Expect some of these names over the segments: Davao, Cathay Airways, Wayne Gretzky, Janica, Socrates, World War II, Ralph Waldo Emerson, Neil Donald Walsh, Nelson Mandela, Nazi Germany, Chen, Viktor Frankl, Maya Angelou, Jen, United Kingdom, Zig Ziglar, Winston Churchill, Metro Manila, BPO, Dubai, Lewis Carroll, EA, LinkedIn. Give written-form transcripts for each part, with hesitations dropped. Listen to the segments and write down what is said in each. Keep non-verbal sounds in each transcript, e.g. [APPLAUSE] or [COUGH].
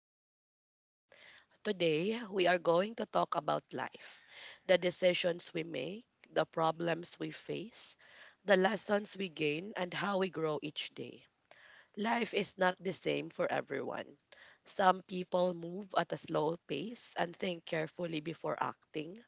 our podcast. Today, we are going to talk about life, the decisions we make, the problems we face, the lessons we gain, and how we grow each day. Life is not the same for everyone. Some people move at a slow pace and think carefully before acting,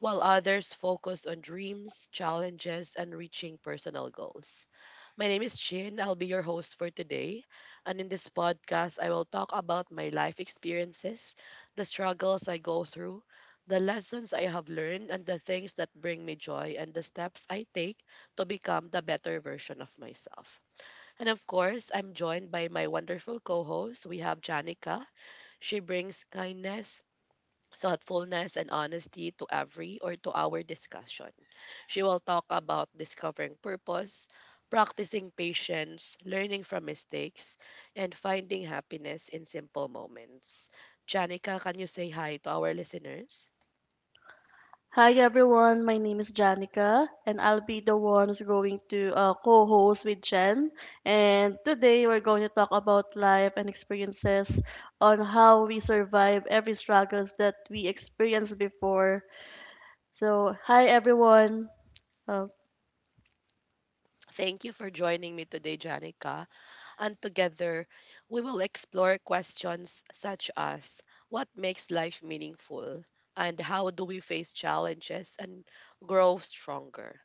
while others focus on dreams, challenges, and reaching personal goals. My name is Chin. I'll be your host for today. And in this podcast, I will talk about my life experiences, the struggles I go through, the lessons I have learned, and the things that bring me joy, and the steps I take to become the better version of myself. And of course, I'm joined by my wonderful co host. We have Janica. She brings kindness, thoughtfulness and honesty to every or to our discussion. She will talk about discovering purpose, practicing patience, learning from mistakes, and finding happiness in simple moments. Janica, can you say hi to our listeners? Hi everyone, my name is Janica and I'll be the one who's going to co-host with Jen. And today we're going to talk about life and experiences on how we survive every struggles that we experienced before. So, hi everyone. Uh, Thank you for joining me today, Janica, and together we will explore questions such as what makes life meaningful and how do we face challenges and grow stronger.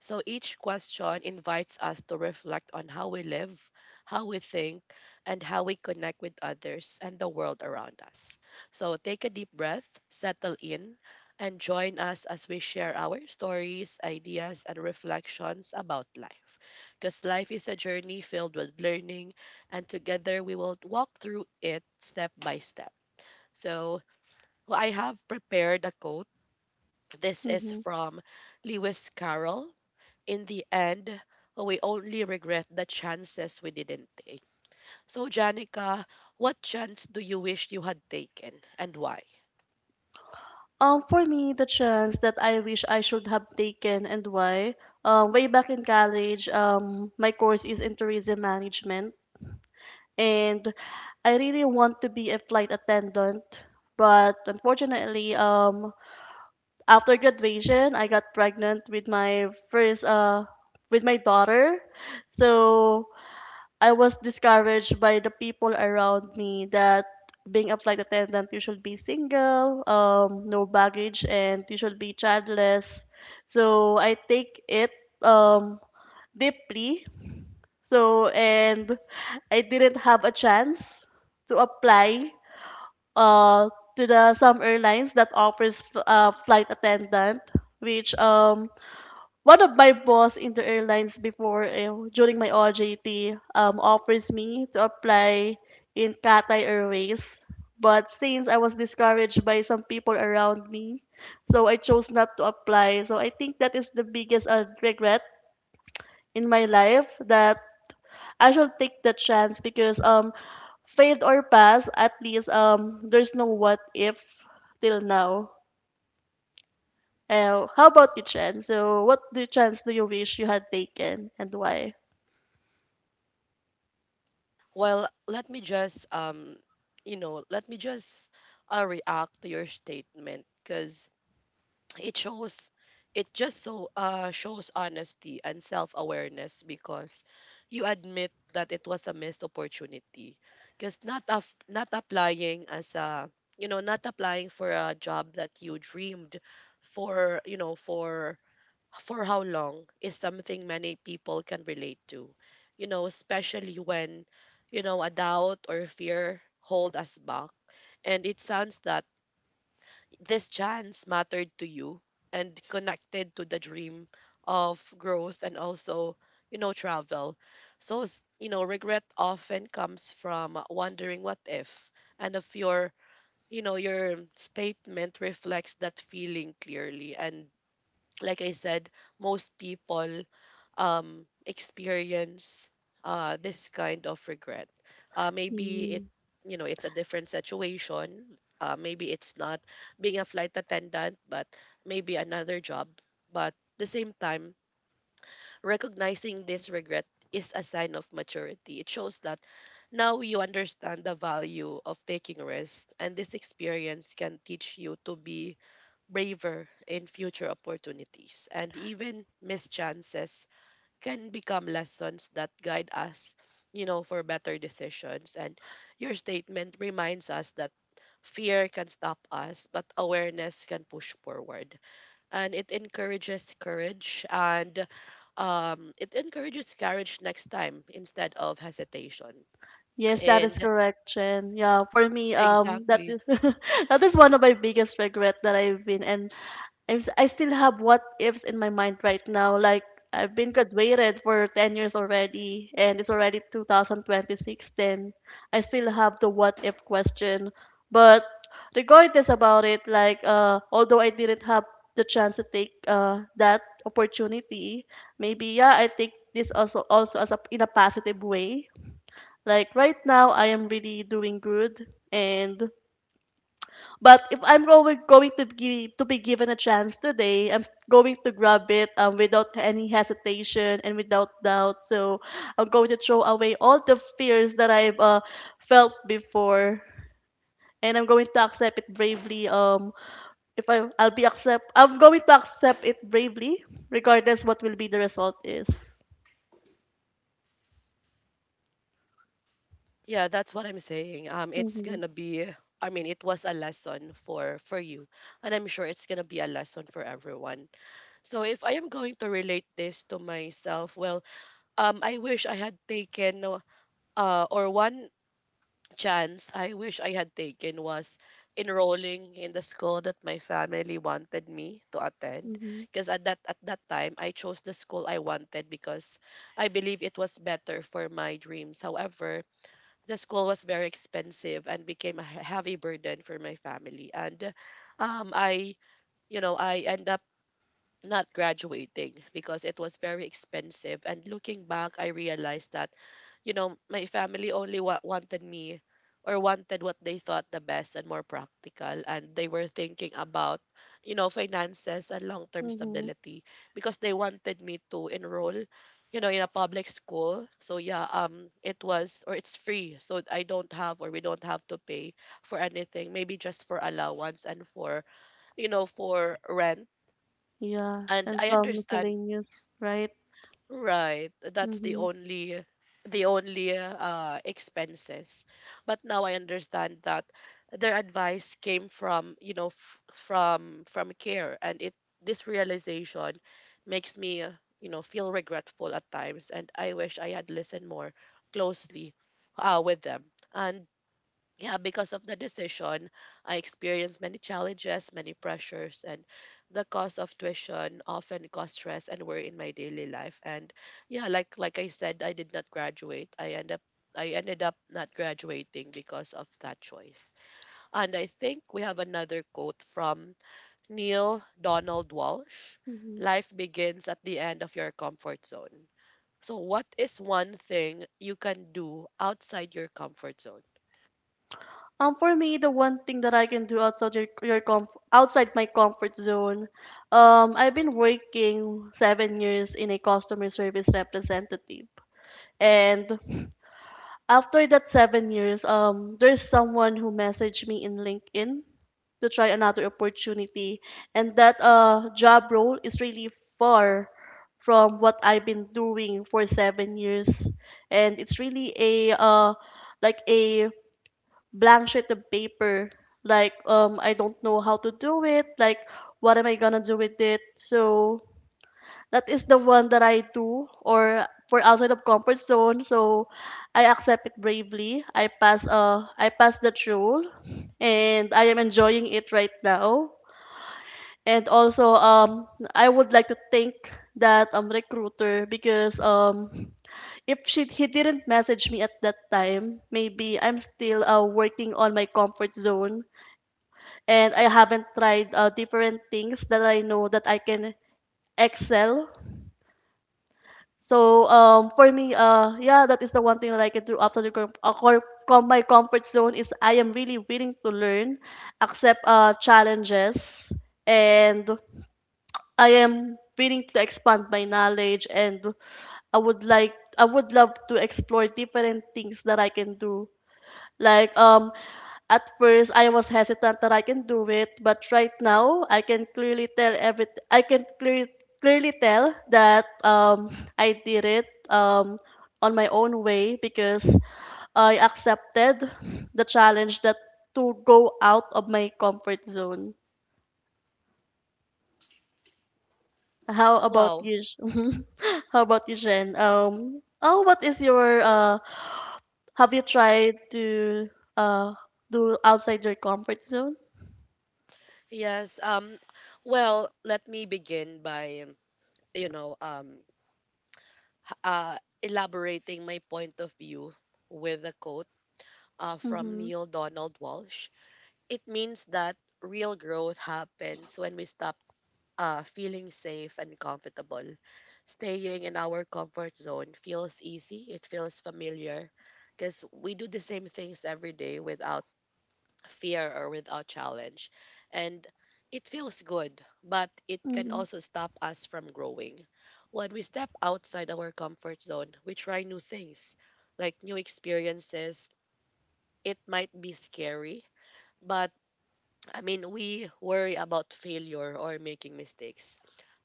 So each question invites us to reflect on how we live, how we think, and how we connect with others and the world around us. So take a deep breath, settle in, and join us as we share our stories, ideas, and reflections about life, because life is a journey filled with learning, and together we will walk through it step by step. So, well, I have prepared a quote. This is mhm. from Lewis Carroll. In the end, we only regret the chances we didn't take. So, Janica, what chance do you wish you had taken and why? For me, the chance that I wish I should have taken and why. Way back in college, my course is in tourism management and I really want to be a flight attendant. But unfortunately, after graduation, I got pregnant with my first with my daughter. So I was discouraged by the people around me that being a flight attendant, you should be single, no baggage, and you should be childless. So I take it um, deeply so, and I didn't have a chance to apply uh, to the some airlines that offers flight attendant, which one of my boss in the airlines before during my OJT offers me to apply in Cathay Airways. But since I was discouraged by some people around me, so I chose not to apply. So I think that is the biggest regret in my life that I shall take the chance because failed or pass, at least there's no what if till now. How about you, Chen? So what the chance do you wish you had taken and why? Well, let me just, you know, let me just react to your statement because it shows it just so shows honesty and self-awareness because you admit that it was a missed opportunity because not applying as a, you know, not applying for a job that you dreamed for, you know, for how long is something many people can relate to, you know, especially when, you know, a doubt or fear hold us back. And it sounds that this chance mattered to you and connected to the dream of growth and also, you know, travel. So you know, regret often comes from wondering what if, and if your you know your statement reflects that feeling clearly, and like I said, most people experience this kind of regret. Maybe it, Mm. you know, it's a different situation. Maybe it's not being a flight attendant, but maybe another job. But the same time, recognizing this regret is a sign of maturity. It shows that now you understand the value of taking risks, and this experience can teach you to be braver in future opportunities, and even mischances can become lessons that guide us, you know, for better decisions. And your statement reminds us that fear can stop us, but awareness can push forward. And it encourages courage and it encourages courage next time instead of hesitation. Yes, that is And correct, Chen. Yeah, for me, that exactly. is [LAUGHS] that is one of my biggest regret that I've been and I still have what ifs in my mind right now. Like, I've been graduated for 10 years already, and it's already 2026, then I still have the what if question. But regardless about it, like, although I didn't have the chance to take that opportunity, maybe, yeah, I take this also as a, in a positive way. Like, right now, I am really doing good, and but if I'm going to be given a chance today, going to grab it without any hesitation and without doubt. So I'm going to throw away all the fears that I've felt before, and I'm going to accept it bravely. If I'm going to accept it bravely, regardless what will be the result is. Yeah, that's what I'm saying. It's Mm-hmm, gonna be, I mean, it was a lesson for you, and I'm sure it's gonna be a lesson for everyone. So if I am going to relate this to myself, I wish I had taken or one chance I wish I had taken was enrolling in the school that my family wanted me to attend. mm-hmm, Because at that time, I chose the school I wanted because I believe it was better for my dreams. However, the school was very expensive and became a heavy burden for my family. And um, I, I end up not graduating because it was very expensive. And looking back, I realized that, you know, my family only wanted me, or wanted what they thought the best and more practical. And they were thinking about, you know, finances and long term mm-hmm. stability, because they wanted me to enroll, you know, in a public school. It was, or it's free. So I don't have, or we don't have to pay for anything, maybe just for allowance and for, you know, for rent, Yeah, and and I some understand. miscellaneous, right? Right. That's Mm-hmm, the only expenses. But now I understand that their advice came from, you know, from care. And it this realization makes me, you know, feel regretful at times, and I wish I had listened more closely with them. And yeah, because of the decision, I experienced many challenges, many pressures, and the cost of tuition often caused stress and worry in my daily life. And yeah, like I said, I did not graduate. I ended up not graduating because of that choice. And I think we have another quote from Neil Donald Walsh. mm-hmm. Life begins at the end of your comfort zone. So what is one thing you can do outside your comfort zone? For me, the one thing that I can do outside your comf outside my comfort zone, I've been working 7 years in a customer service representative, and after that 7 years, there's someone who messaged me in LinkedIn to try another opportunity, and that job role is really far from what I've been doing for 7 years, and it's really a like a blank sheet of paper like I don't know how to do it, like what am I gonna do with it. So that is the one that I do or for outside of comfort zone. So I accept it bravely, I pass, I pass the rule and I am enjoying it right now. And also I would like to thank that recruiter because if she he didn't message me at that time, maybe I'm still working on my comfort zone and I haven't tried different things that I know that I can excel. So for me, yeah, that is the one thing that I can do outside the my comfort zone is I am really willing to learn, accept challenges, and I am willing to expand my knowledge and I would like I would love to explore different things that I can do. Like, at first I was hesitant that I can do it, but right now I can clearly tell every I can clearly tell that I did it on my own way because I accepted the challenge that to go out of my comfort zone. How about Wow, you? [LAUGHS] How about you, Jen? Oh, what is your Have you tried to uh do outside your comfort zone? yes. Well, let me begin by, you know, um, elaborating my point of view with a quote from Mm-hmm. Neil Donald Walsh. It means that real growth happens when we stop feeling safe and comfortable. Staying in our comfort zone feels easy, it feels familiar because we do the same things every day without fear or without challenge. And it feels good, but it can Mm-hmm. also stop us from growing. When we step outside our comfort zone, we try new things, like new experiences. It might be scary, but I mean, we worry about failure or making mistakes.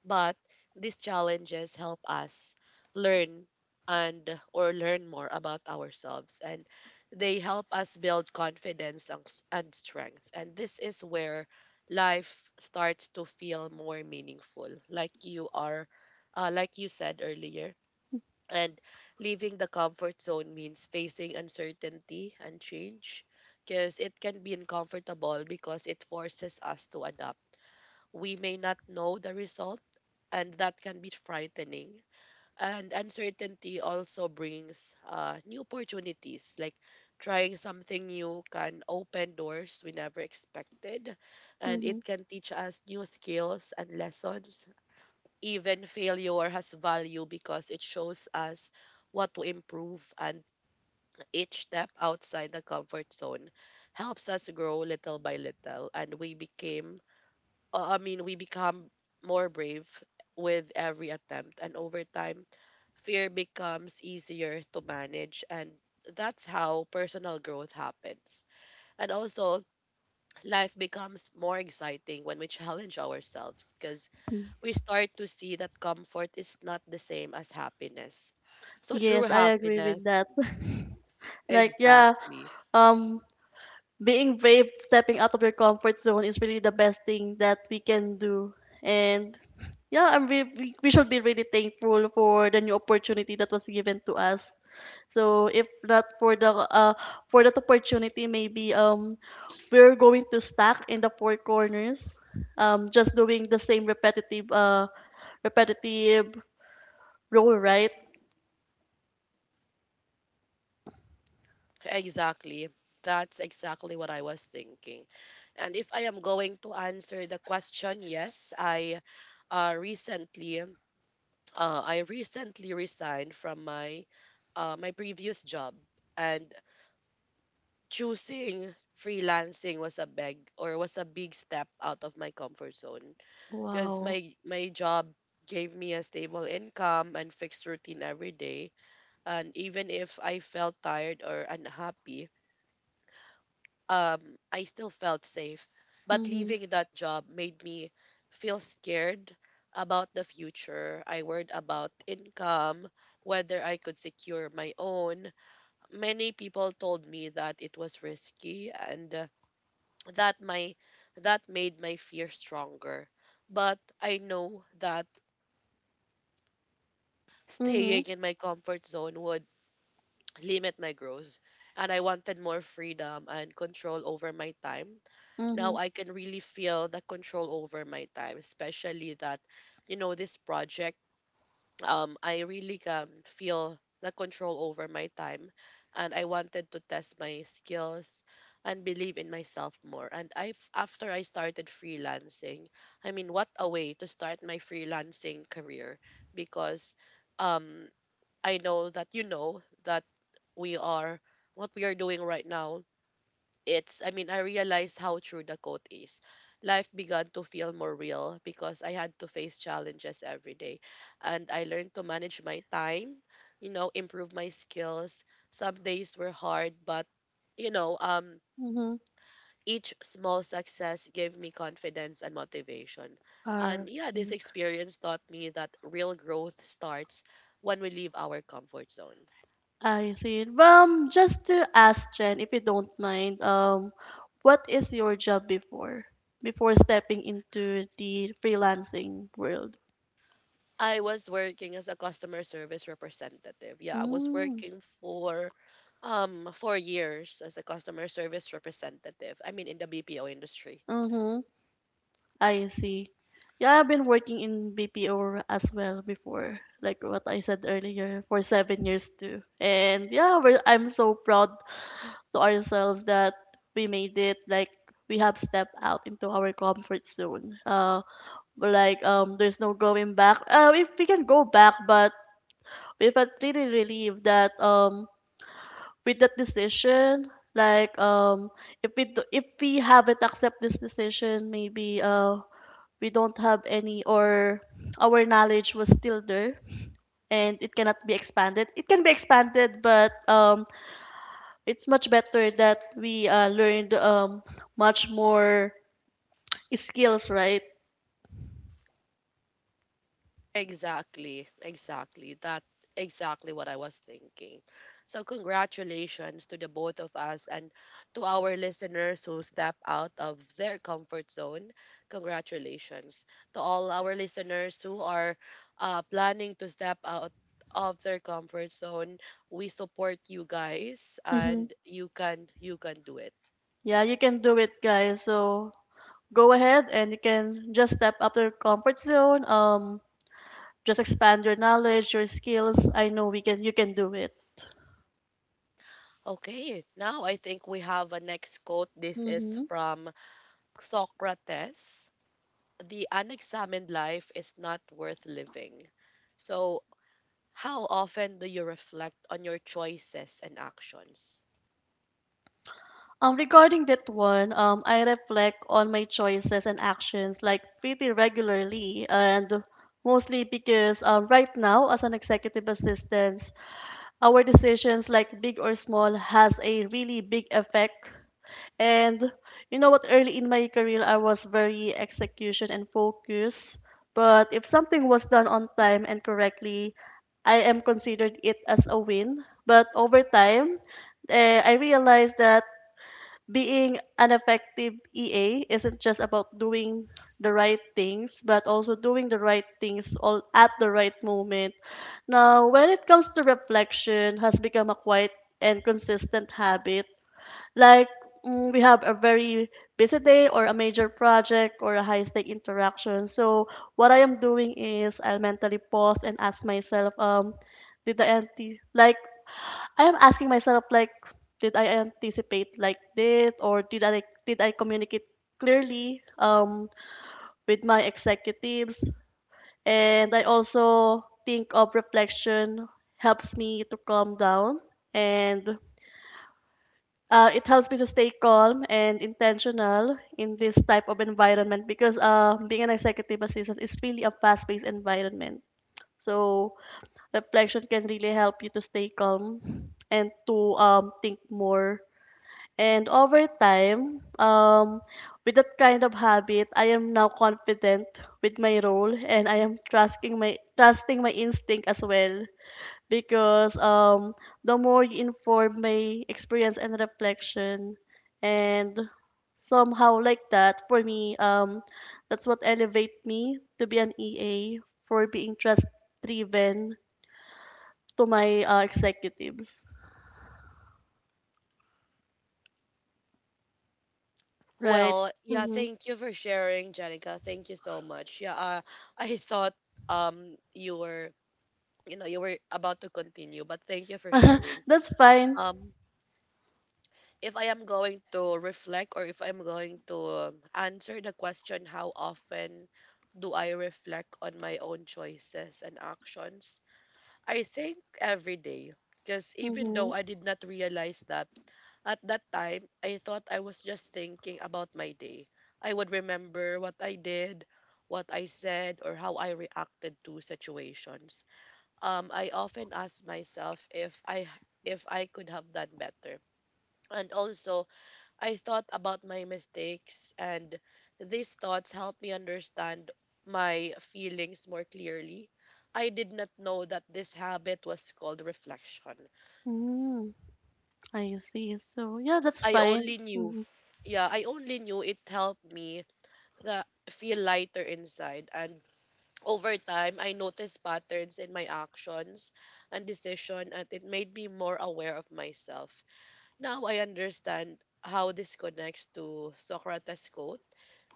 But these challenges help us learn and, or learn more about ourselves, and they help us build confidence and and strength. And this is where life starts to feel more meaningful, like you are, like you said earlier. And leaving the comfort zone means facing uncertainty and change, because it can be uncomfortable because it forces us to adapt. We may not know the result, and that can be frightening. And uncertainty also brings new opportunities, like trying something new can open doors we never expected, and Mm-hmm. it can teach us new skills and lessons. Even failure has value because it shows us what to improve, and each step outside the comfort zone helps us grow little by little, and we became I mean, we become more brave with every attempt, and over time, fear becomes easier to manage, and that's how personal growth happens. And also, life becomes more exciting when we challenge ourselves because we start to see that comfort is not the same as happiness. So, true Yes, I agree happiness, with that. [LAUGHS] Like, yeah, exactly. um, being brave, stepping out of your comfort zone is really the best thing that we can do. And yeah, we should be really thankful for the new opportunity that was given to us. So if not for the for that opportunity, maybe we're going to stack in the four corners, just doing the same repetitive role, right? Exactly. That's exactly what I was thinking. And if I am going to answer the question, yes, uh, recently I recently resigned from my my previous job, and choosing freelancing was a big or was a big step out of my comfort zone, because Wow. My job gave me a stable income and fixed routine every day, and even if I felt tired or unhappy, I still felt safe. But Mm-hmm. leaving that job made me feel scared about the future. I worried about income, whether I could secure my own. Many people told me that it was risky, and that my that made my fear stronger. But I know that staying Mm-hmm. in my comfort zone would limit my growth, and I wanted more freedom and control over my time. Now Mm-hmm. I can really feel the control over my time, especially that, you know, this project, I really can feel the control over my time. And I wanted to test my skills and believe in myself more. And I, after I started freelancing, I mean, what a way to start my freelancing career, because um, I know that you know that we are, what we are doing right now, it's, I mean, I realized how true the quote is. Life began to feel more real because I had to face challenges every day, and I learned to manage my time, you know, improve my skills. Some days were hard, but you know, um, Mm-hmm. each small success gave me confidence and motivation. Are And yeah, this experience taught me that real growth starts when we leave our comfort zone. I see it. Just to ask Jen, if you don't mind, what is your job before stepping into the freelancing world? I was working as a customer service representative. Yeah, I was Mm. working for 4 years as a customer service representative. I mean in the BPO industry. Mm-hmm. I see. Yeah, I've been working in BPO as well before, like what I said earlier, for 7 years too. And yeah, I'm so proud to ourselves that we made it, like we have stepped out into our comfort zone but like there's no going back, if we can go back but we felt really relieved that with that decision, like if we do, if we haven't accept this decision, maybe we don't have any or our knowledge was still there and it cannot be expanded it can be expanded but it's much better that we learned much more skills, right? Exactly, exactly. That, exactly what I was thinking. So congratulations to the both of us and to our listeners who step out of their comfort zone. Congratulations to all our listeners who are planning to step out of their comfort zone. We support you guys Hmm. and you can do it. Yeah, you can do it, guys. So go ahead and you can just step up your comfort zone. Just expand your knowledge, your skills. I know we can. You can do it. Okay, now I think we have a next quote. This is Mm-hmm. from Socrates. The unexamined life is not worth living. So, how often do you reflect on your choices and actions? Regarding that one, I reflect on my choices and actions like pretty regularly, and mostly because right now as an executive assistant, our decisions, like big or small, has a really big effect. And you know what, early in my career, I was very execution and focus. But if something was done on time and correctly, I am considered it as a win. But over time, I realized that being an effective EA isn't just about doing the right things, but also doing the right things all at the right moment. Now, when it comes to reflection, has become a quiet and consistent habit. Like we have a very busy day or a major project or a high stake interaction. So what I am doing is I'll mentally pause and ask myself, did the entity like I am asking myself, like did I anticipate like this or did I communicate clearly with my executives, and I also think of reflection helps me to calm down and it helps me to stay calm and intentional in this type of environment because being an executive assistant is really a fast-paced environment. So reflection can really help you to stay calm and to think more. And over time, with that kind of habit, I am now confident with my role and I am trusting my instinct as well because the more you inform my experience and reflection and somehow like that for me, that's what elevate me to be an EA for being trust driven to my executives, right? Well, yeah, Hmm. thank you for sharing, Jenica. Thank you so much. Yeah, I thought you were you were about to continue, but thank you for sharing. [LAUGHS] That's fine. Um, if I am going to reflect, or if I'm going to answer the question, how often do I reflect on my own choices and actions? I think every day, because even though Hmm. I did not realize that at that time, I thought I was just thinking about my day. I would remember what I did, what I said, or how I reacted to situations. I often ask myself if I could have done better. And also, I thought about my mistakes, and these thoughts helped me understand my feelings more clearly. I did not know that this habit was called reflection. Mm, I see. So yeah, that's I fine. only knew, Hmm. yeah, I only knew it helped me that feel lighter inside. And over time, I noticed patterns in my actions and decision, and it made me more aware of myself. Now I understand how this connects to Socrates' quote.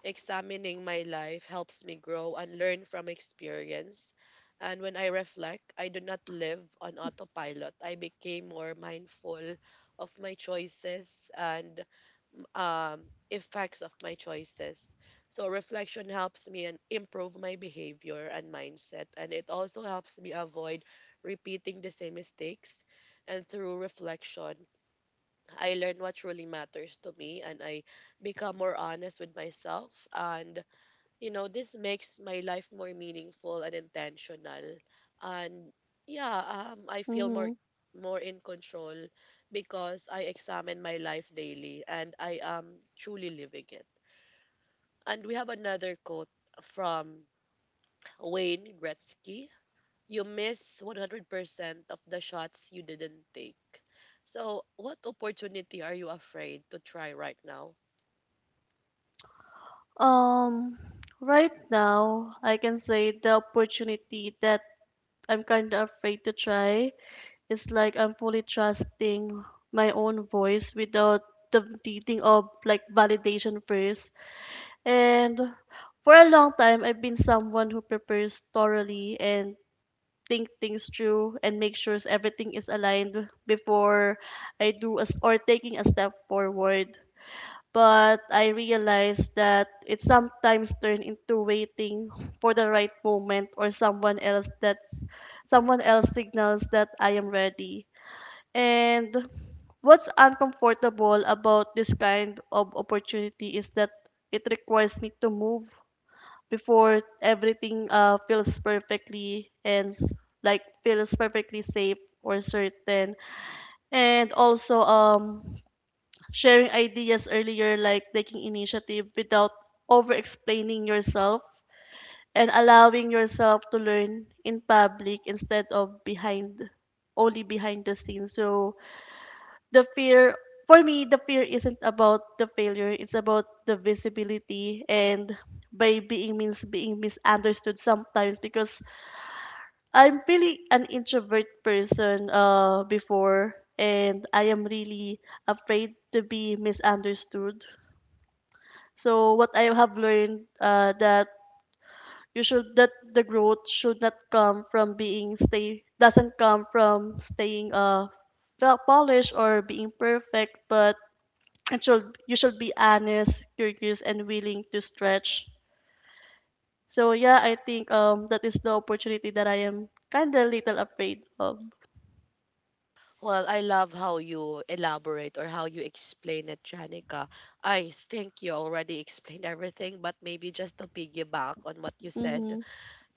Examining my life helps me grow and learn from experience. And when I reflect, I do not live on autopilot. I became more mindful of my choices and, effects of my choices. So, reflection helps me and improve my behavior and mindset. And it also helps me avoid repeating the same mistakes. And through reflection, I learn what truly matters to me, and I become more honest with myself. And this makes my life more meaningful and intentional. And yeah, I feel more Hmm. more in control because I examine my life daily and I am truly living it. And we have another quote from Wayne Gretzky. You miss 100% of the shots you didn't take. So, what opportunity are you afraid to try right now? Um, right now, I can say the opportunity that I'm kind of afraid to try is like I'm fully trusting my own voice without the needing of like validation first. And for a long time, I've been someone who prepares thoroughly and think things through and make sure everything is aligned before I do as or taking a step forward. But I realized that it sometimes turned into waiting [LAUGHS] for the right moment or someone else, that's someone else signals that I am ready. And what's uncomfortable about this kind of opportunity is that it requires me to move before everything feels perfectly like feels perfectly safe or certain. And also sharing ideas earlier, like taking initiative without over explaining yourself, and allowing yourself to learn in public instead of behind only behind the scenes. So the fear for me the fear isn't about the failure, it's about the visibility and by being means being misunderstood sometimes because I'm really an introvert person before and I am really afraid to be misunderstood. So what I have learned, that you should that the growth should not come from being stay doesn't come from staying well polished or being perfect, but it should you should be honest, curious, and willing to stretch. So yeah, I think that is the opportunity that I am kind of little afraid of. Well, I love how you elaborate or how you explain it, Janica. I think you already explained everything, but maybe just to piggyback on what you said, Mhm.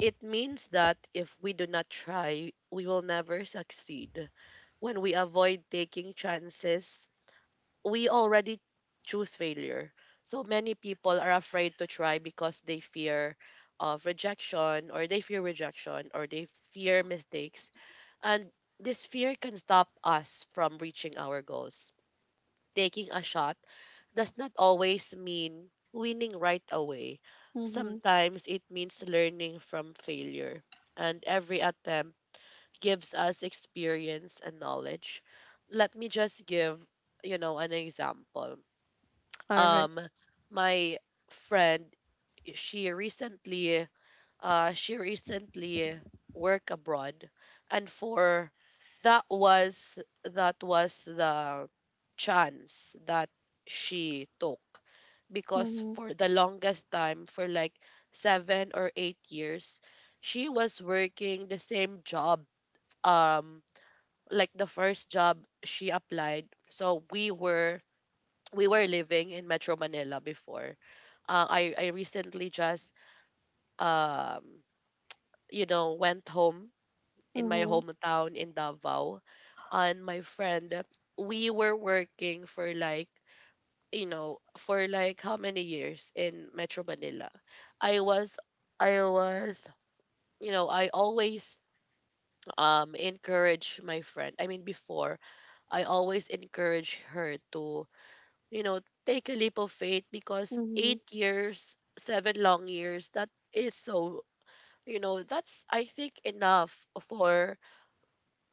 it means that if we do not try, we will never succeed. When we avoid taking chances, we already choose failure. So many people are afraid to try because they fear of rejection, or they fear rejection, or they fear mistakes, and this fear can stop us from reaching our goals. Taking a shot does not always mean winning right away. Mhm. Sometimes it means learning from failure. And every attempt gives us experience and knowledge. Let me just give, an example. All right. Um my friend, she recently she recently worked abroad, and for that was the chance that she took, because Mhm. for the longest time, for like 7 or 8 years, she was working the same job, um like the first job she applied. So we were living in Metro Manila before. I recently just, um went home in my Mhm. hometown in Davao. And my friend, we were working for like, for like how many years in Metro Manila. I was, I was, I always encourage my friend. I mean, before, I always encourage her to, you know, take a leap of faith, because Mhm. 8 years, seven long years, that is so, that's, I think, enough for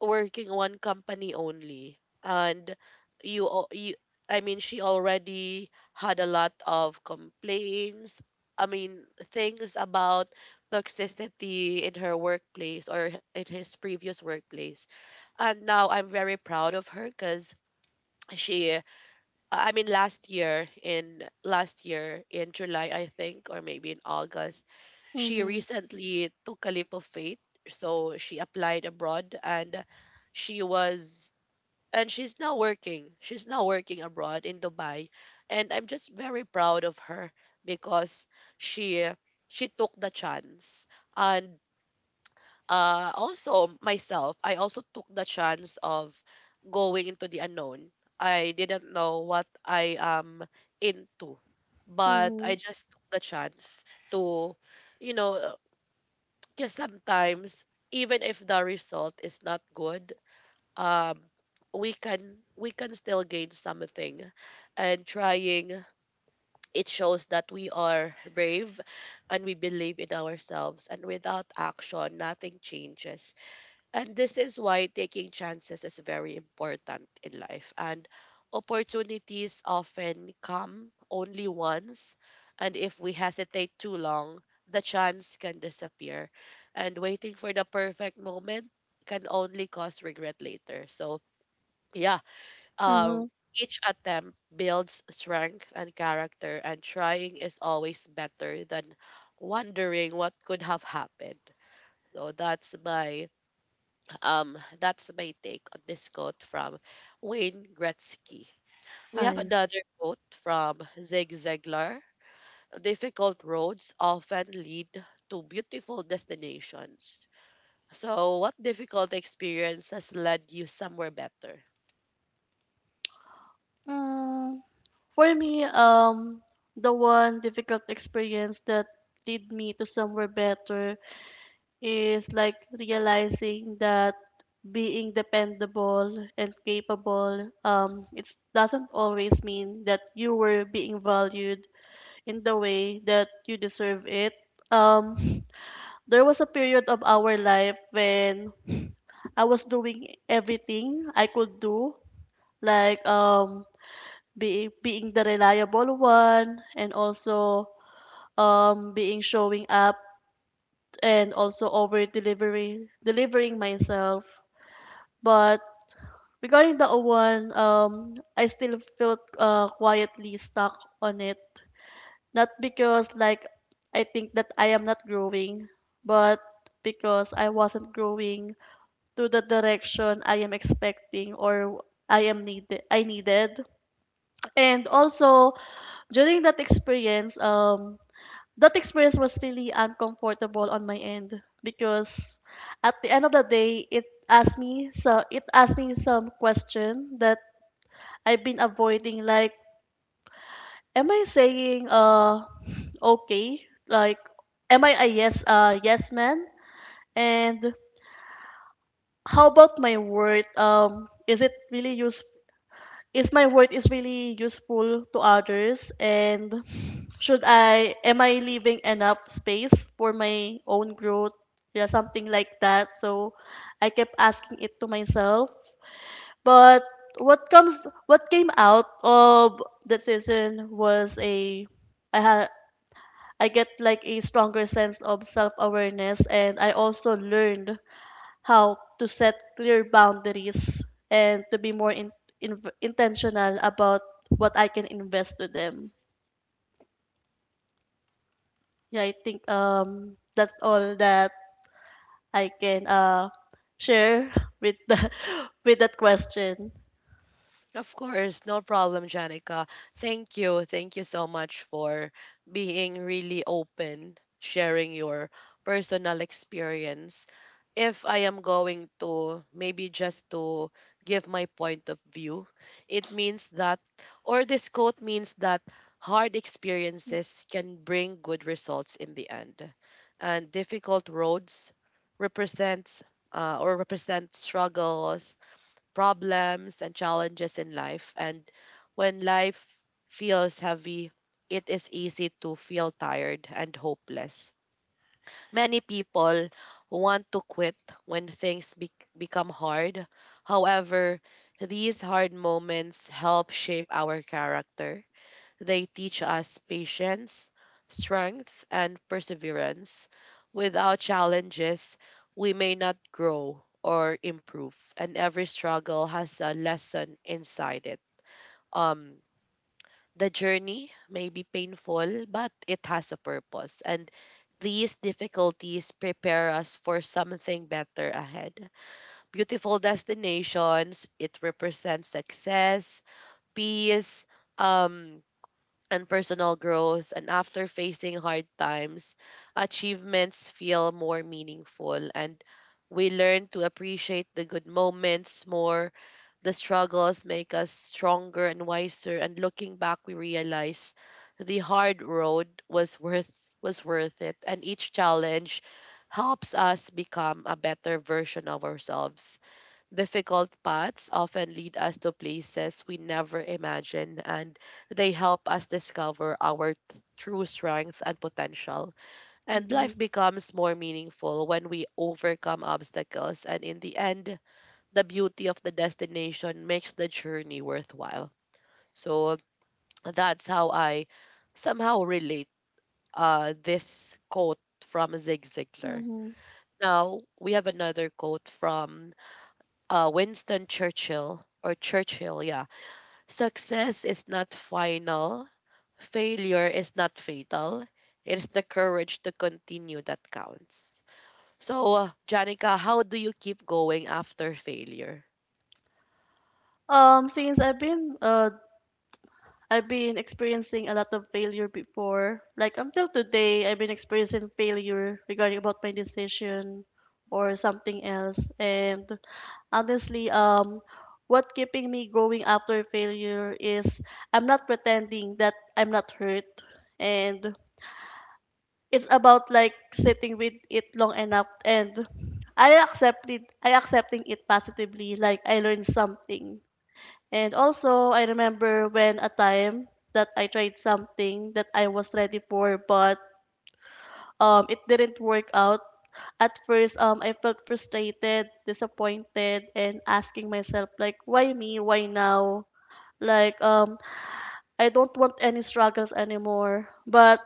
working one company only. And you, I mean, she already had a lot of complaints. I mean, things about toxicity in her workplace, or in his previous workplace. And now I'm very proud of her, cuz she, I mean, last year, in July, I think, or maybe in August, she Mhm. recently took a leap of faith. So she applied abroad, and she was and she's now working. She's now working abroad in Dubai, and I'm just very proud of her because she she took the chance. And also myself, I also took the chance of going into the unknown. I didn't know what I am into, but I Mhm. just took the chance to, you know, because sometimes even if the result is not good, um, we can still gain something, and trying, it shows that we are brave and we believe in ourselves. And without action, nothing changes, and this is why taking chances is very important in life. And opportunities often come only once, and if we hesitate too long, the chance can disappear, and waiting for the perfect moment can only cause regret later. So, yeah, um Mhm. each attempt builds strength and character, and trying is always better than wondering what could have happened. So that's my, that's my take on this quote from Wayne Gretzky. We have I. another quote from Zig Ziglar. Difficult roads often lead to beautiful destinations. So what difficult experience has led you somewhere better? Mm. For me, the one difficult experience that led me to somewhere better is like realizing that being dependable and capable, it doesn't always mean that you were being valued in the way that you deserve it. Um, [LAUGHS] there was a period of our life when I was doing everything I could do, like being the reliable one and also being showing up and also over delivery delivering myself, but regarding the O one, I still felt quietly stuck on it, not because like I think that I am not growing, but because I wasn't growing to the direction I am expecting or I needed. And also, during that experience was really uncomfortable on my end, because at the end of the day, it asked me some question that I've been avoiding. Like, am I saying okay? Like, am I a yes man? And how about my word? Is it really useful? Is my word is really useful to others? And should I am I leaving enough space for my own growth? Yeah, something like that. So I kept asking it to myself. But what came out of that season was a I had I get like a stronger sense of self awareness, and I also learned how to set clear boundaries and to be more intentional about what I can invest to them. Yeah, I think that's all that I can share with [LAUGHS] with that question. Of course, no problem, Janica. Thank you. Thank you so much for being really open, sharing your personal experience. If I am going to maybe just to give my point of view, it means that, or this quote means that, hard experiences can bring good results in the end. And difficult roads represents, or represent, struggles, problems, and challenges in life. And when life feels heavy, it is easy to feel tired and hopeless. Many people want to quit when things become hard. However, these hard moments help shape our character. They teach us patience, strength, and perseverance. Without challenges, we may not grow or improve, and every struggle has a lesson inside it. Um, the journey may be painful, but it has a purpose, and these difficulties prepare us for something better ahead. Beautiful destinations, it represents success, peace, um, and personal growth. And after facing hard times, achievements feel more meaningful, and we learn to appreciate the good moments more. The struggles make us stronger and wiser, and looking back, we realize the hard road was worth, was worth it, and each challenge helps us become a better version of ourselves. Difficult paths often lead us to places we never imagined, and they help us discover our true strength and potential. And life Mhm. becomes more meaningful when we overcome obstacles, and in the end, the beauty of the destination makes the journey worthwhile. So that's how I somehow relate, this quote from Zig Ziglar. Mhm. Now, we have another quote from, Winston Churchill, or Churchill, yeah. Success is not final, failure is not fatal. It is the courage to continue that counts. So, Janica, how do you keep going after failure? Since I've been experiencing a lot of failure before. Like, until today, I've been experiencing failure regarding about my decision or something else. And honestly, what keeping me going after failure is I'm not pretending that I'm not hurt, and it's about like sitting with it long enough and I accepting it positively. Like, I learned something. And also, I remember when a time that I tried something that I was ready for, but it didn't work out. At first, I felt frustrated, disappointed, and asking myself, like, why me? Why now? Like, I don't want any struggles anymore. But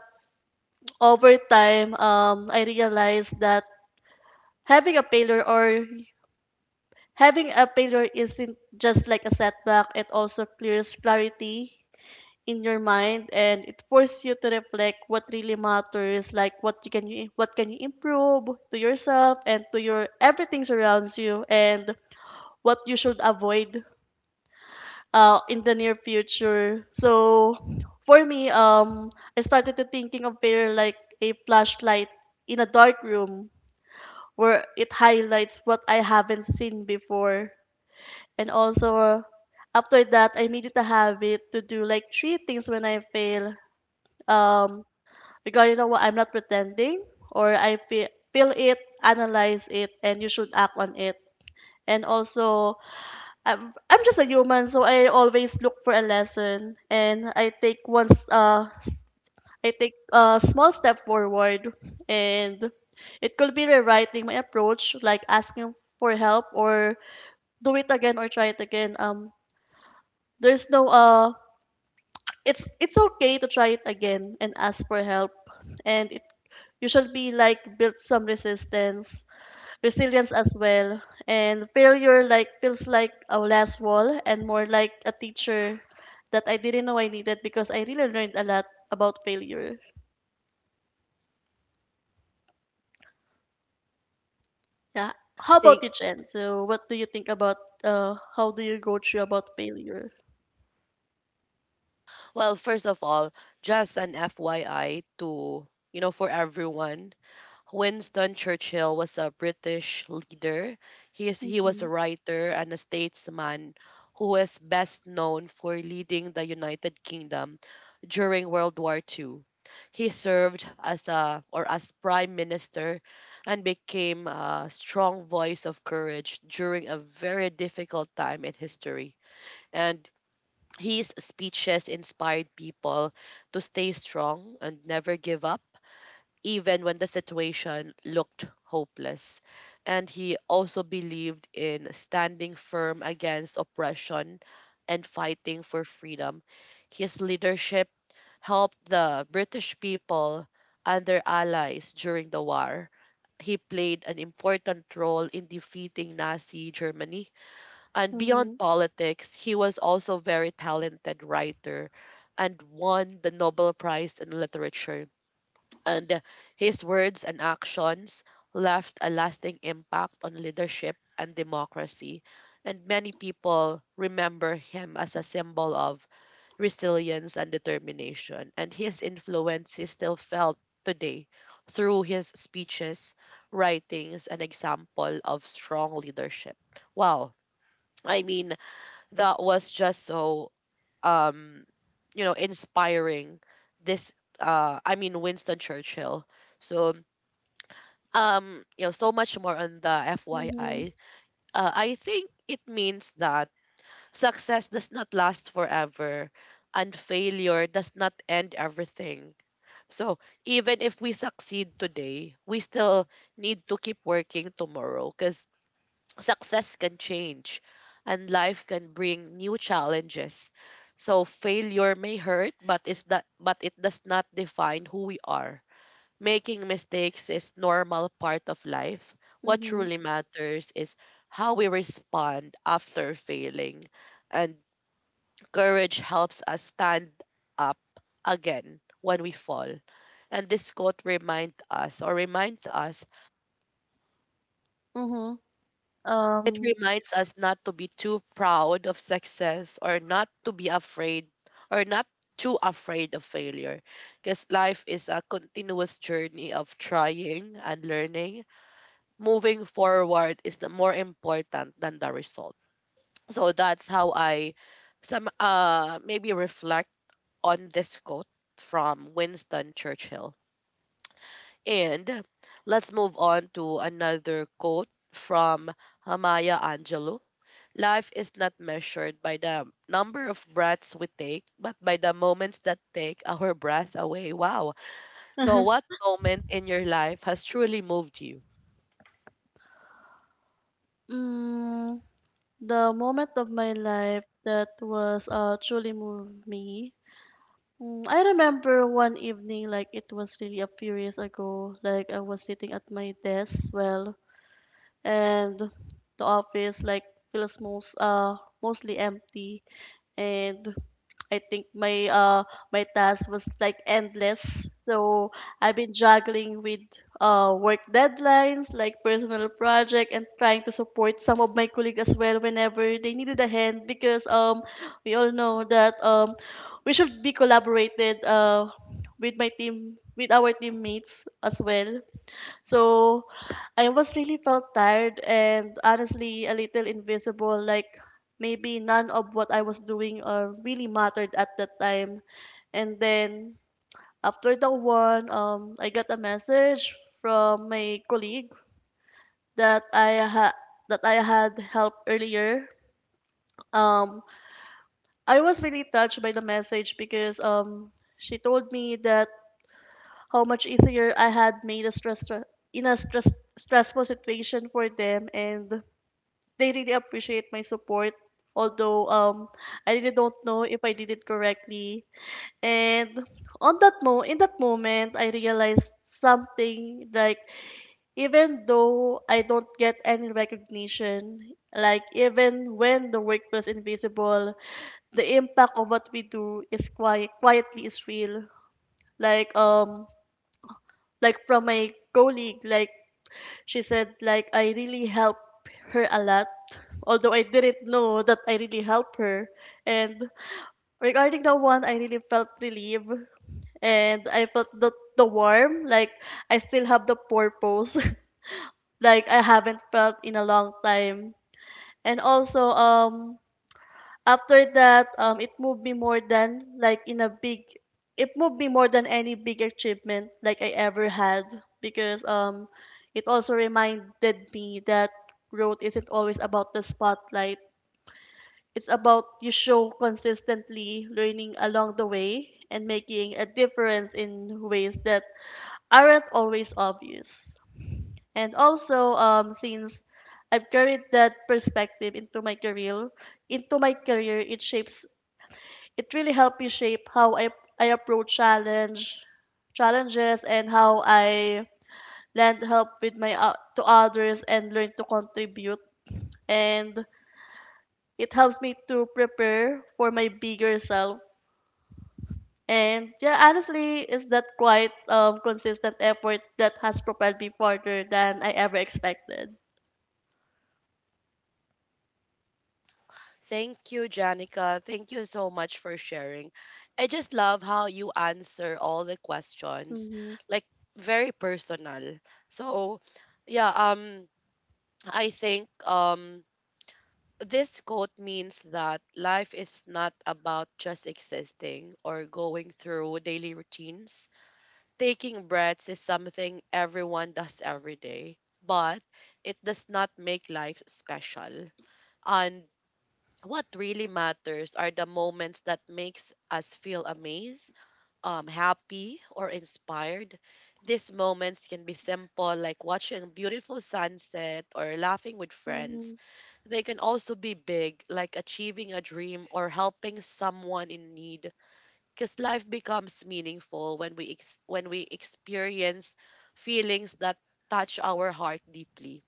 over time, I realized that having a failure or having a failure isn't just like a setback. It also clears clarity in your mind, and it forces you to reflect what really matters, like what can you improve to yourself and to your everything surrounds you, and what you should avoid in the near future. So for me, I started to thinking of prayer like a flashlight in a dark room, where it highlights what I haven't seen before. And also, after that, I made it a habit to do like three things when I fail. um Because, you know what, I'm not pretending, or I feel it, analyze it, and you should act on it. And also, I'm, I'm just a human, so I always look for a lesson, and I take a small step forward. And it could be rewriting my approach, like asking for help or do it again or try it again. There's no It's okay to try it again and ask for help. And it you should be like build some resistance resilience as well. And failure, like, feels like a last wall and more like a teacher that I didn't know I needed, because I really learned a lot about failure. Yeah. How about Think, you, Jen? So what do you think about, how do you go through about failure? well, first of all, just an FYI to, for everyone, Winston Churchill was a British leader. He was Mm-hmm. a writer and a statesman who is best known for leading the United Kingdom during World War II. He served as a, or as, prime minister, and became a strong voice of courage during a very difficult time in history. And his speeches inspired people to stay strong and never give up, even when the situation looked hopeless. And he also believed in standing firm against oppression and fighting for freedom. His leadership helped the British people and their allies during the war. He played an important role in defeating Nazi Germany. And Mm-hmm. beyond politics, he was also a very talented writer, and won the Nobel Prize in Literature. And his words and actions left a lasting impact on leadership and democracy. And many people remember him as a symbol of resilience and determination. And his influence is still felt today through his speeches, writings, and example of strong leadership. Wow. I mean, that was just so, um, inspiring. This, I mean, Winston Churchill. So, you know so much more on the Mm-hmm. FYI. I think it means that success does not last forever, and failure does not end everything. So even if we succeed today, we still need to keep working tomorrow, because success can change and life can bring new challenges. So failure may hurt, but it's that but it does not define who we are. Making mistakes is normal part of life. What Mm-hmm. truly matters is how we respond after failing. And courage helps us stand up again when we fall. And this quote reminds us, Mm-hmm. it um reminds us, not to be too proud of success, or not to be afraid, or not too afraid of failure, because life is a continuous journey of trying and learning. Moving forward is the more important than the result. So that's how I some maybe reflect on this quote from Winston Churchill. And let's move on to another quote from Maya Angelou. Life is not measured by the number of breaths we take, but by the moments that take our breath away. Wow. So, [LAUGHS] what moment in your life has truly moved you? mm, The moment of my life that was truly moved me. I remember one evening, like it was really a few years ago. Like, I was sitting at my desk, well, and the office like feels mostly empty. And I think my task was like endless. So I've been juggling with work deadlines, like personal project, and trying to support some of my colleagues as well whenever they needed a hand, because we all know that we should be collaborated with our teammates as well. So I was really felt tired and honestly a little invisible, like maybe none of what I was doing really mattered at that time. And then after the one, I got a message from my colleague that I ha- that I had helped earlier. Um, I was really touched by the message, because she told me that how much easier I had made a stress stre- in a stress, stressful situation for them, and they really appreciate my support. Although I really don't know if I did it correctly. And on that mo in that moment, I realized something like even though I don't get any recognition, like even when the work was invisible, the impact of what we do is quietly is real. Like, like from my colleague, like, she said like I really helped her a lot, although I didn't know that I really helped her. And regarding that one, I really felt relieved. And I felt the warm, like I still have the purpose. [LAUGHS] Like, I haven't felt in a long time. And also, after that, it moved me more than like in a big it moved me more than any big achievement like I ever had. Because it also reminded me that growth isn't always about the spotlight. It's about you show consistently learning along the way and making a difference in ways that aren't always obvious. And also, since I've carried that perspective into my career, it really helped me shape how I approach challenges. And how I lend help with to others and learn to contribute. And it helps me to prepare for my bigger self. And yeah, honestly, it's that quite consistent effort that has propelled me farther than I ever expected. Thank you, Janica. Thank you so much for sharing. I just love how you answer all the questions, Mm-hmm. like very personal. So, yeah, um, I think this quote means that life is not about just existing or going through daily routines. Taking breaths is something everyone does every day, but it does not make life special. And what really matters are the moments that makes us feel amazed, happy, or inspired. These moments can be simple, like watching a beautiful sunset or laughing with Mm-hmm. friends. They can also be big, like achieving a dream or helping someone in need. Because life becomes meaningful when when we experience feelings that touch our heart deeply.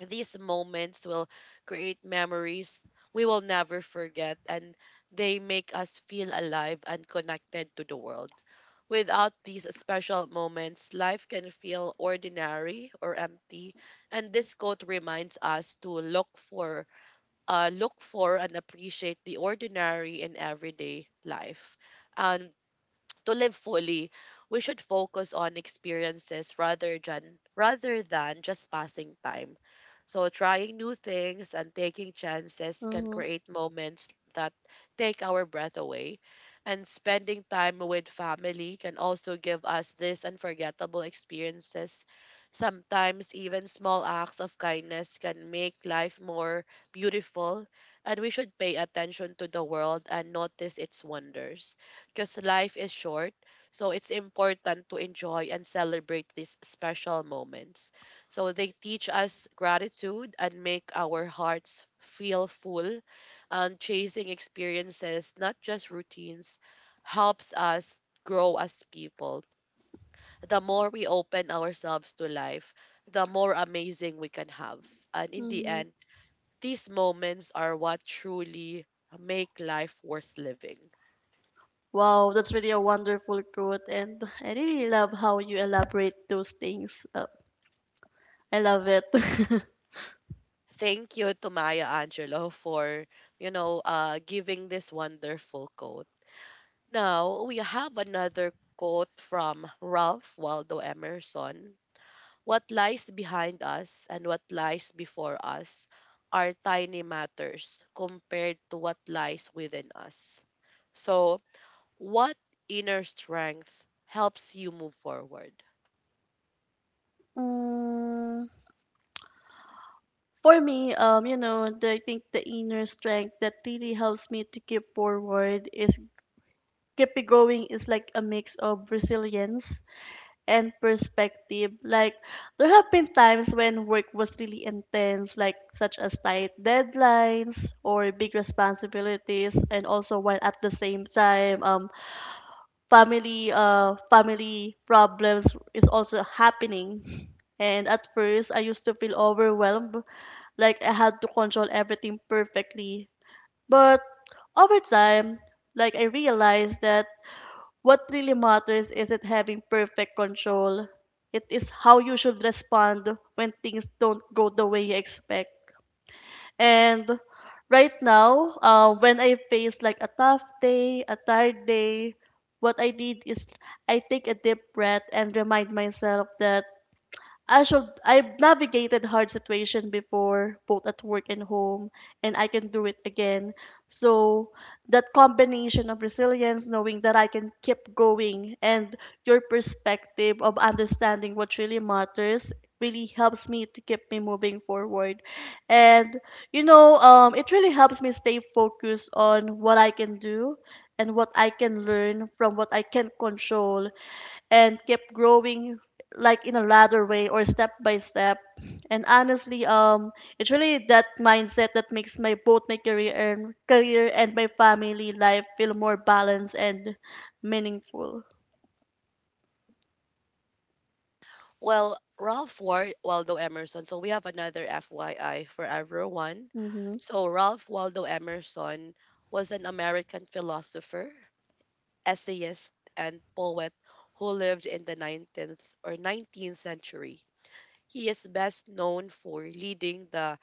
These moments will create memories we will never forget and they make us feel alive and connected to the world. Without these special moments, life can feel ordinary or empty, and this quote reminds us to look for and appreciate the ordinary in everyday life. And to live fully, we should focus on experiences rather than just passing time. So trying new things and taking chances can Mm-hmm. create moments that take our breath away. And spending time with family can also give us these unforgettable experiences. Sometimes even small acts of kindness can make life more beautiful, and we should pay attention to the world and notice its wonders because life is short. So it's important to enjoy and celebrate these special moments. So they teach us gratitude and make our hearts feel full. And chasing experiences, not just routines, helps us grow as people. The more we open ourselves to life, the more amazing we can have. And in the Mm-hmm. end, these moments are what truly make life worth living. Wow, that's really a wonderful quote, and I really love how you elaborate those things. I love it. [LAUGHS] Thank you to Maya Angelo for, giving this wonderful quote. Now, we have another quote from Ralph Waldo Emerson. What lies behind us and what lies before us are tiny matters compared to what lies within us. So, what inner strength helps you move forward? Mm, For me, I think the inner strength that really helps me to keep it going is like a mix of resilience and perspective. Like, there have been times when work was really intense, like such as tight deadlines or big responsibilities, and also while at the same time, family problems is also happening. And at first, I used to feel overwhelmed, like I had to control everything perfectly. But over time, like, I realized that what really matters isn't having perfect control. It is how you should respond when things don't go the way you expect. And right now, when I face like a tough day, a tired day, what I did is I take a deep breath and remind myself that I've navigated hard situation before, both at work and home, and I can do it again. So that combination of resilience, knowing that I can keep going, and your perspective of understanding what really matters really helps me to keep me moving forward. And it really helps me stay focused on what I can do and what I can learn from what I can control and kept growing, like in a ladder way or step by step. And honestly, it's really that mindset that makes my both my career and my family life feel more balanced and meaningful. Well, Waldo Emerson. So we have another FYI for everyone. Mhm. So Ralph Waldo Emerson was an American philosopher, essayist, and poet who lived in the 19th century. He is best known for leading the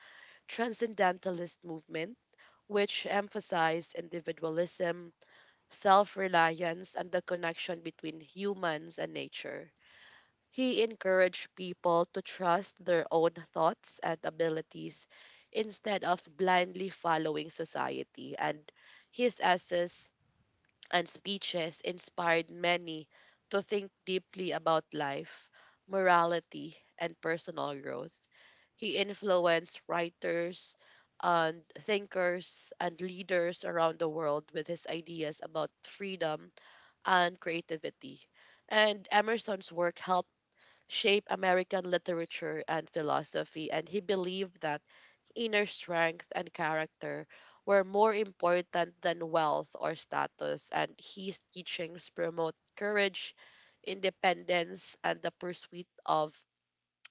transcendentalist movement, which emphasized individualism, self reliance, and the connection between humans and nature. He encouraged people to trust their own thoughts and abilities instead of blindly following society, and his essays and speeches inspired many to think deeply about life, morality, and personal growth. He influenced writers and thinkers and leaders around the world with his ideas about freedom and creativity. And Emerson's work helped shape American literature and philosophy, and he believed that inner strength and character were more important than wealth or status, and his teachings promote courage, independence, and the pursuit of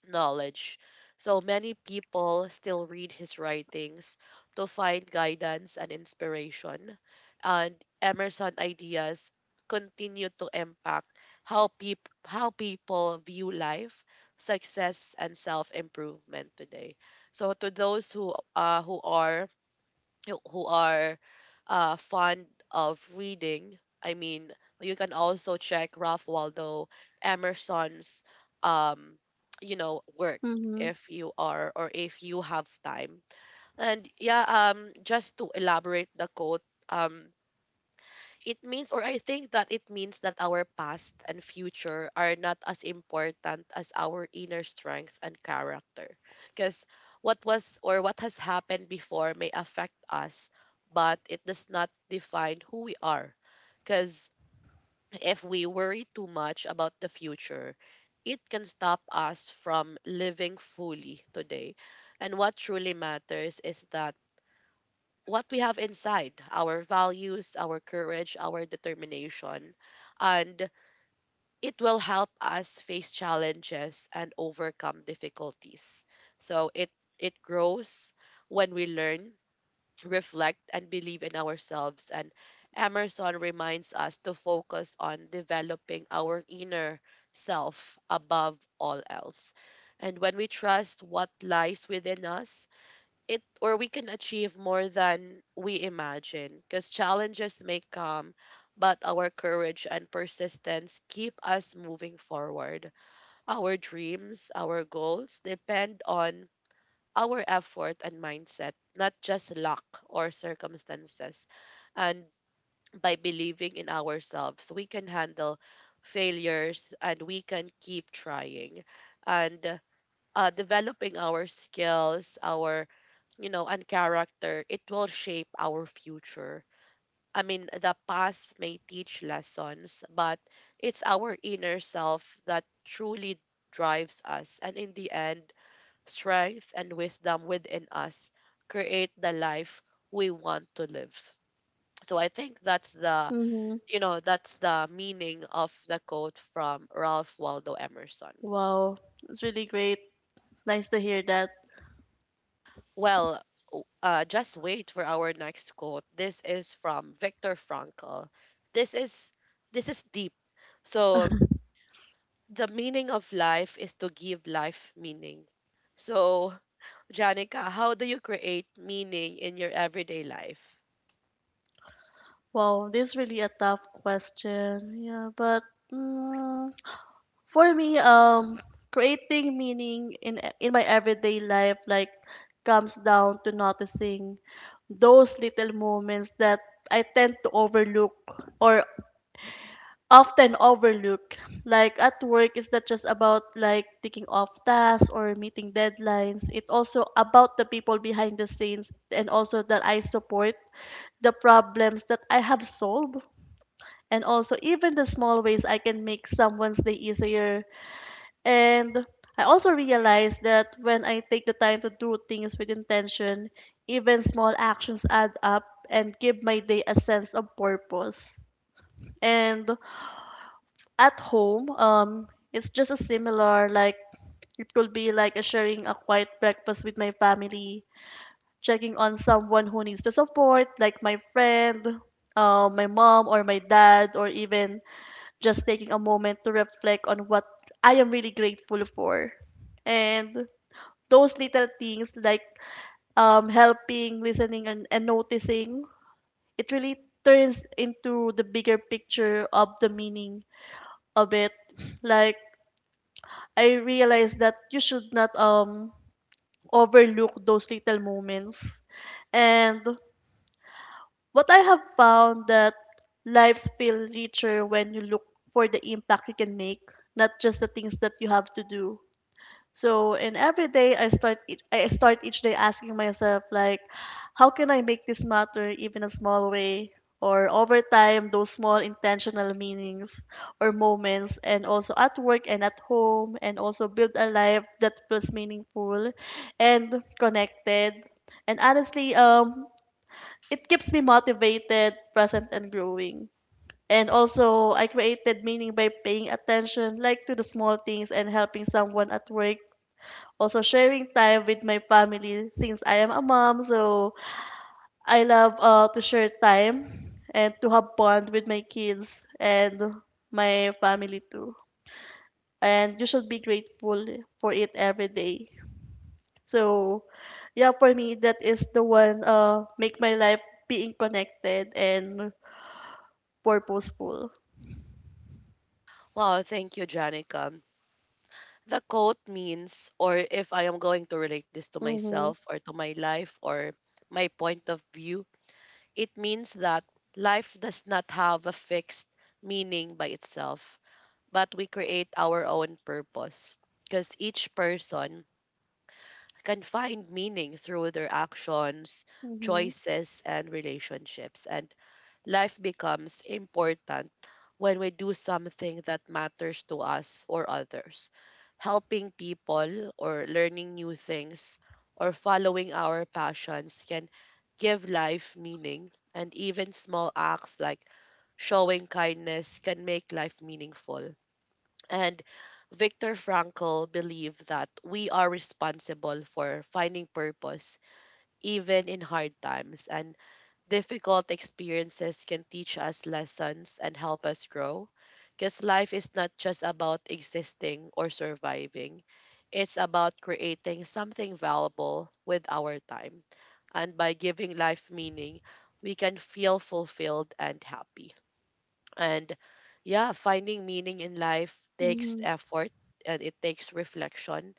knowledge. So many people still read his writings to find guidance and inspiration. And Emerson ideas continue to impact how people view life, success, and self-improvement today. So to those who are fond of reading. I mean, you can also check Ralph Waldo Emerson's, um, work Mhm. if you are or if you have time. And just to elaborate the quote, it means or I think that it means that our past and future are not as important as our inner strength and character because what was or what has happened before may affect us but it does not define who we are, because if we worry too much about the future it can stop us from living fully today, and what truly matters is that what we have inside, our values, our courage, our determination. And it will help us face challenges and overcome difficulties. So it, it grows when we learn, reflect, and believe in ourselves. And Emerson reminds us to focus on developing our inner self above all else. And when we trust what lies within us, it or we can achieve more than we imagine, because challenges may come but our courage and persistence keep us moving forward. Our dreams, our goals depend on our effort and mindset, not just luck or circumstances, and by believing in ourselves we can handle failures and we can keep trying, and developing our skills, our and character, it will shape our future. I mean, the past may teach lessons, but it's our inner self that truly drives us. And in the end, strength and wisdom within us create the life we want to live. So I think Mhm. That's the meaning of the quote from Ralph Waldo Emerson. Wow, it's really great. Nice to hear that. Well, just wait for our next quote. This is from Viktor Frankl. This is this is deep. So the meaning of life is to give life meaning. So, Janica, how do you create meaning in your everyday life? Wow, this is really a tough question. Yeah, but. mm, For me, creating meaning in my everyday life like comes down to noticing those little moments that I tend to overlook or often overlook. Like at work, it's not just about like taking off tasks or meeting deadlines. It's also about the people behind the scenes and also that I support, the problems that I have solved, and also even the small ways I can make someone's day easier. And I also realized that when I take the time to do things with intention, even small actions add up and give my day a sense of purpose. And at home, it's just a similar, like it could be like a sharing a quiet breakfast with my family, checking on someone who needs the support, like my friend, my mom or my dad, or even just taking a moment to reflect on what I am really grateful for. And those little things, like, helping, listening, and noticing, it really turns into the bigger picture of the meaning of it. Like, I realized that you should not overlook those little moments. And what I have found that lives feel richer when you look for the impact you can make, not just the things that you have to do. So, and every day I start each day asking myself, like, how can I make this matter even a small way? Or over time, those small intentional meanings or moments, and also at work and at home, and also build a life that feels meaningful and connected. And honestly, it keeps me motivated, present, and growing. And also, I created meaning by paying attention, like to the small things and helping someone at work, also sharing time with my family since I am a mom. So I love to share time and to have bond with my kids and my family too. And you should be grateful for it every day. So yeah, for me that is the one make my life being connected and purposeful. Wow, thank you, Janica. The quote means, or if I am going to relate this to Mm-hmm. myself or to my life or my point of view, it means that life does not have a fixed meaning by itself, but we create our own purpose because each person can find meaning through their actions, Mm-hmm. choices, and relationships. And life becomes important when we do something that matters to us or others. Helping people or learning new things or following our passions can give life meaning, and even small acts like showing kindness can make life meaningful. And Viktor Frankl believed that we are responsible for finding purpose even in hard times, and difficult experiences can teach us lessons and help us grow. Because life is not just about existing or surviving, it's about creating something valuable with our time. And by giving life meaning, we can feel fulfilled and happy. And yeah, finding meaning in life takes Mm-hmm. effort and it takes reflection.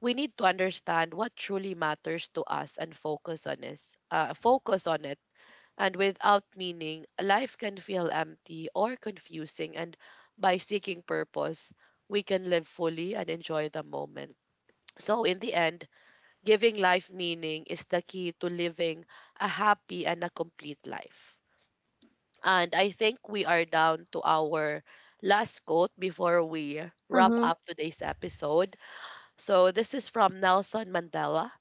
We need to understand what truly matters to us and focus on focus on it, and without meaning, life can feel empty or confusing. And by seeking purpose, we can live fully and enjoy the moment. So, in the end, giving life meaning is the key to living a happy and a complete life. And I think we are down to our last quote before we wrap Uh-huh. up today's episode. So, this is from Nelson Mandela.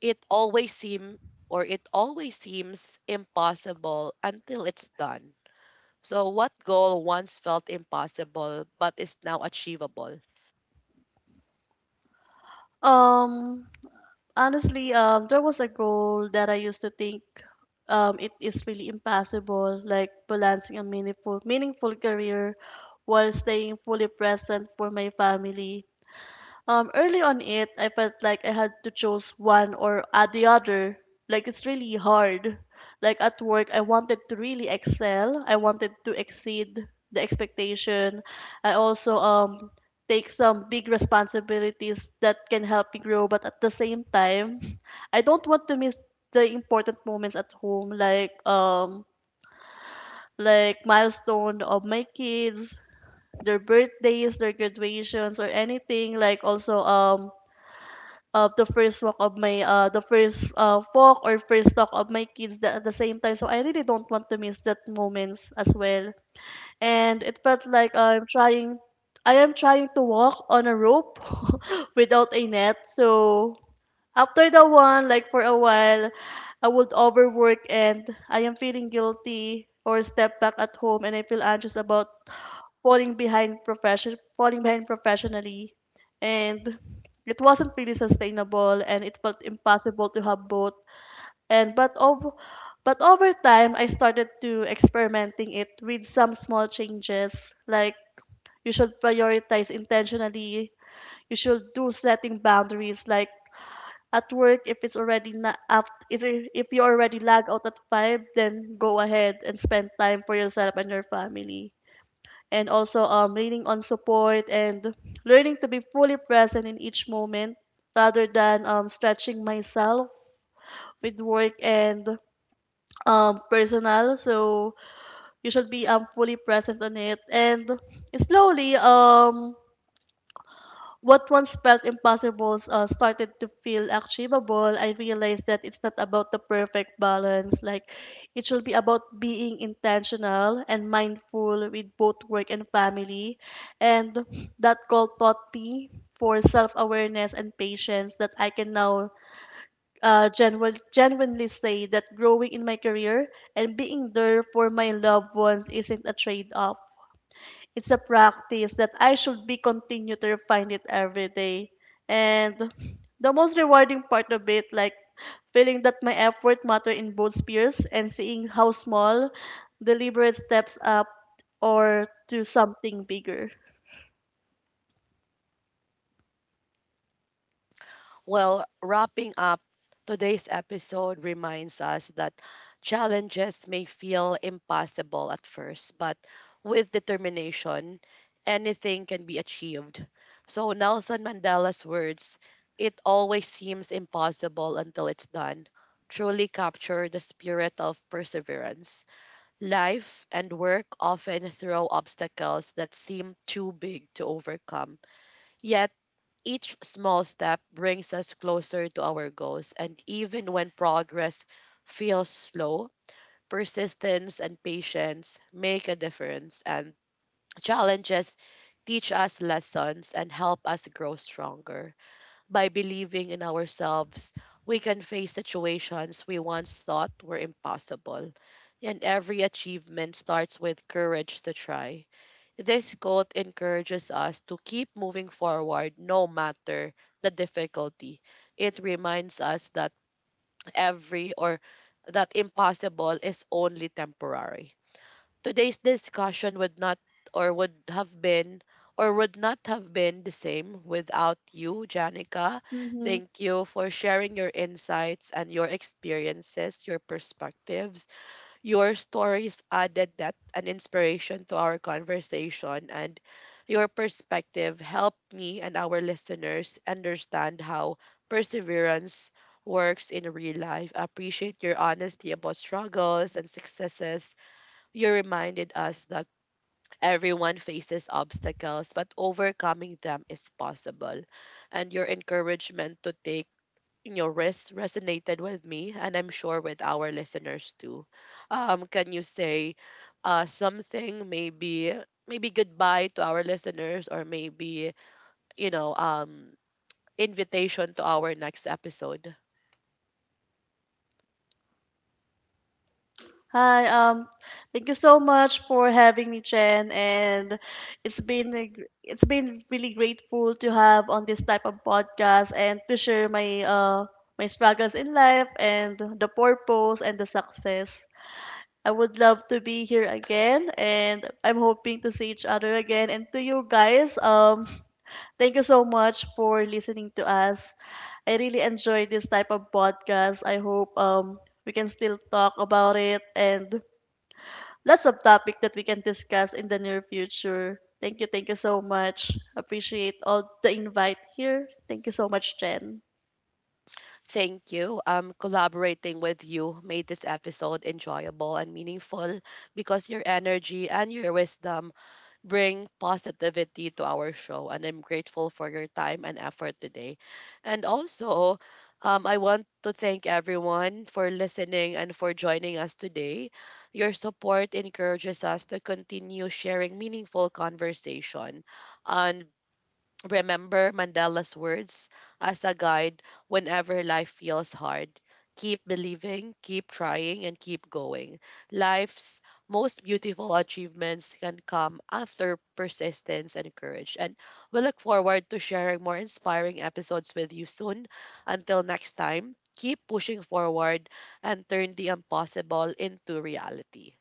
It always seems it always seems impossible until it's done. So, what goal once felt impossible but is now achievable? Um Honestly, there was a goal that I used to think it is really impossible, like balancing a meaningful career while staying fully present for my family. Early on it, I felt like I had to choose one or the other. Like it's really hard. Like at work, I wanted to really excel. I wanted to exceed the expectation. I also take some big responsibilities that can help me grow. But at the same time, I don't want to miss the important moments at home, like milestone of my kids, their birthdays, their graduations, or anything. Like also of the first walk of my the first walk or first talk of my kids at the same time, so I really don't want to miss that moments as well. And it felt like I'm trying I am trying to walk on a rope [LAUGHS] without a net. So after the one, like for a while, I would overwork and I am feeling guilty or step back at home and I feel anxious about falling behind professionally. And it wasn't really sustainable and it felt impossible to have both. And but over time I started to experimenting it with some small changes, like you should prioritize intentionally, you should do setting boundaries, like at work, if it's already not after if you already lag out at 5, then go ahead and spend time for yourself and your family. And also, leaning on support and learning to be fully present in each moment rather than, stretching myself with work and, personal. So you should be, fully present on it. And slowly, what once felt impossible, started to feel achievable. I realized that it's not about the perfect balance. Like, it should be about being intentional and mindful with both work and family. And that call taught me for self awareness and patience that I can now genuinely say that growing in my career and being there for my loved ones isn't a trade off. It's a practice that I should be continue to refine it every day. And the most rewarding part of it, like feeling that my effort matter in both spheres and seeing how small deliberate steps up or to something bigger. Well, wrapping up today's episode reminds us that challenges may feel impossible at first, but with determination, anything can be achieved. So, Nelson Mandela's words, it always seems impossible until it's done, truly capture the spirit of perseverance. Life and work often throw obstacles that seem too big to overcome. Yet, each small step brings us closer to our goals, and even when progress feels slow, persistence and patience make a difference, and challenges teach us lessons and help us grow stronger. By believing in ourselves, we can face situations we once thought were impossible. And every achievement starts with courage to try. This quote encourages us to keep moving forward no matter the difficulty. It reminds us that every or that impossible is only temporary. Today's discussion would not or would have been , or would not have been, the same without you, Janica. Mhm. Thank you for sharing your insights and your experiences, your perspectives. Your stories added depth and inspiration to our conversation, and your perspective helped me and our listeners understand how perseverance works in real life. I appreciate your honesty about struggles and successes. You reminded us that everyone faces obstacles, but overcoming them is possible. And your encouragement to take risks resonated with me, and I'm sure with our listeners too. Can you say something, maybe goodbye to our listeners, or maybe you know um, invitation to our next episode? Hi, thank you so much for having me, Chen, and it's been really grateful to have on this type of podcast and to share my my struggles in life and the purpose and the success. I would love to be here again, and I'm hoping to see each other again. And to you guys, [LAUGHS] thank you so much for listening to us. I really enjoy this type of podcast. I hope we can still talk about it and lots of topic that we can discuss in the near future. Thank you so much. Appreciate all the invite here. Thank you so much, Jen. Thank you. Collaborating with you made this episode enjoyable and meaningful because your energy and your wisdom bring positivity to our show. And I'm grateful for your time and effort today. And also, I want to thank everyone for listening and for joining us today. Your support encourages us to continue sharing meaningful conversation. And remember Mandela's words as a guide whenever life feels hard. Keep believing, keep trying, and keep going. Life's most beautiful achievements can come after persistence and courage. And we look forward to sharing more inspiring episodes with you soon. Until next time, keep pushing forward and turn the impossible into reality.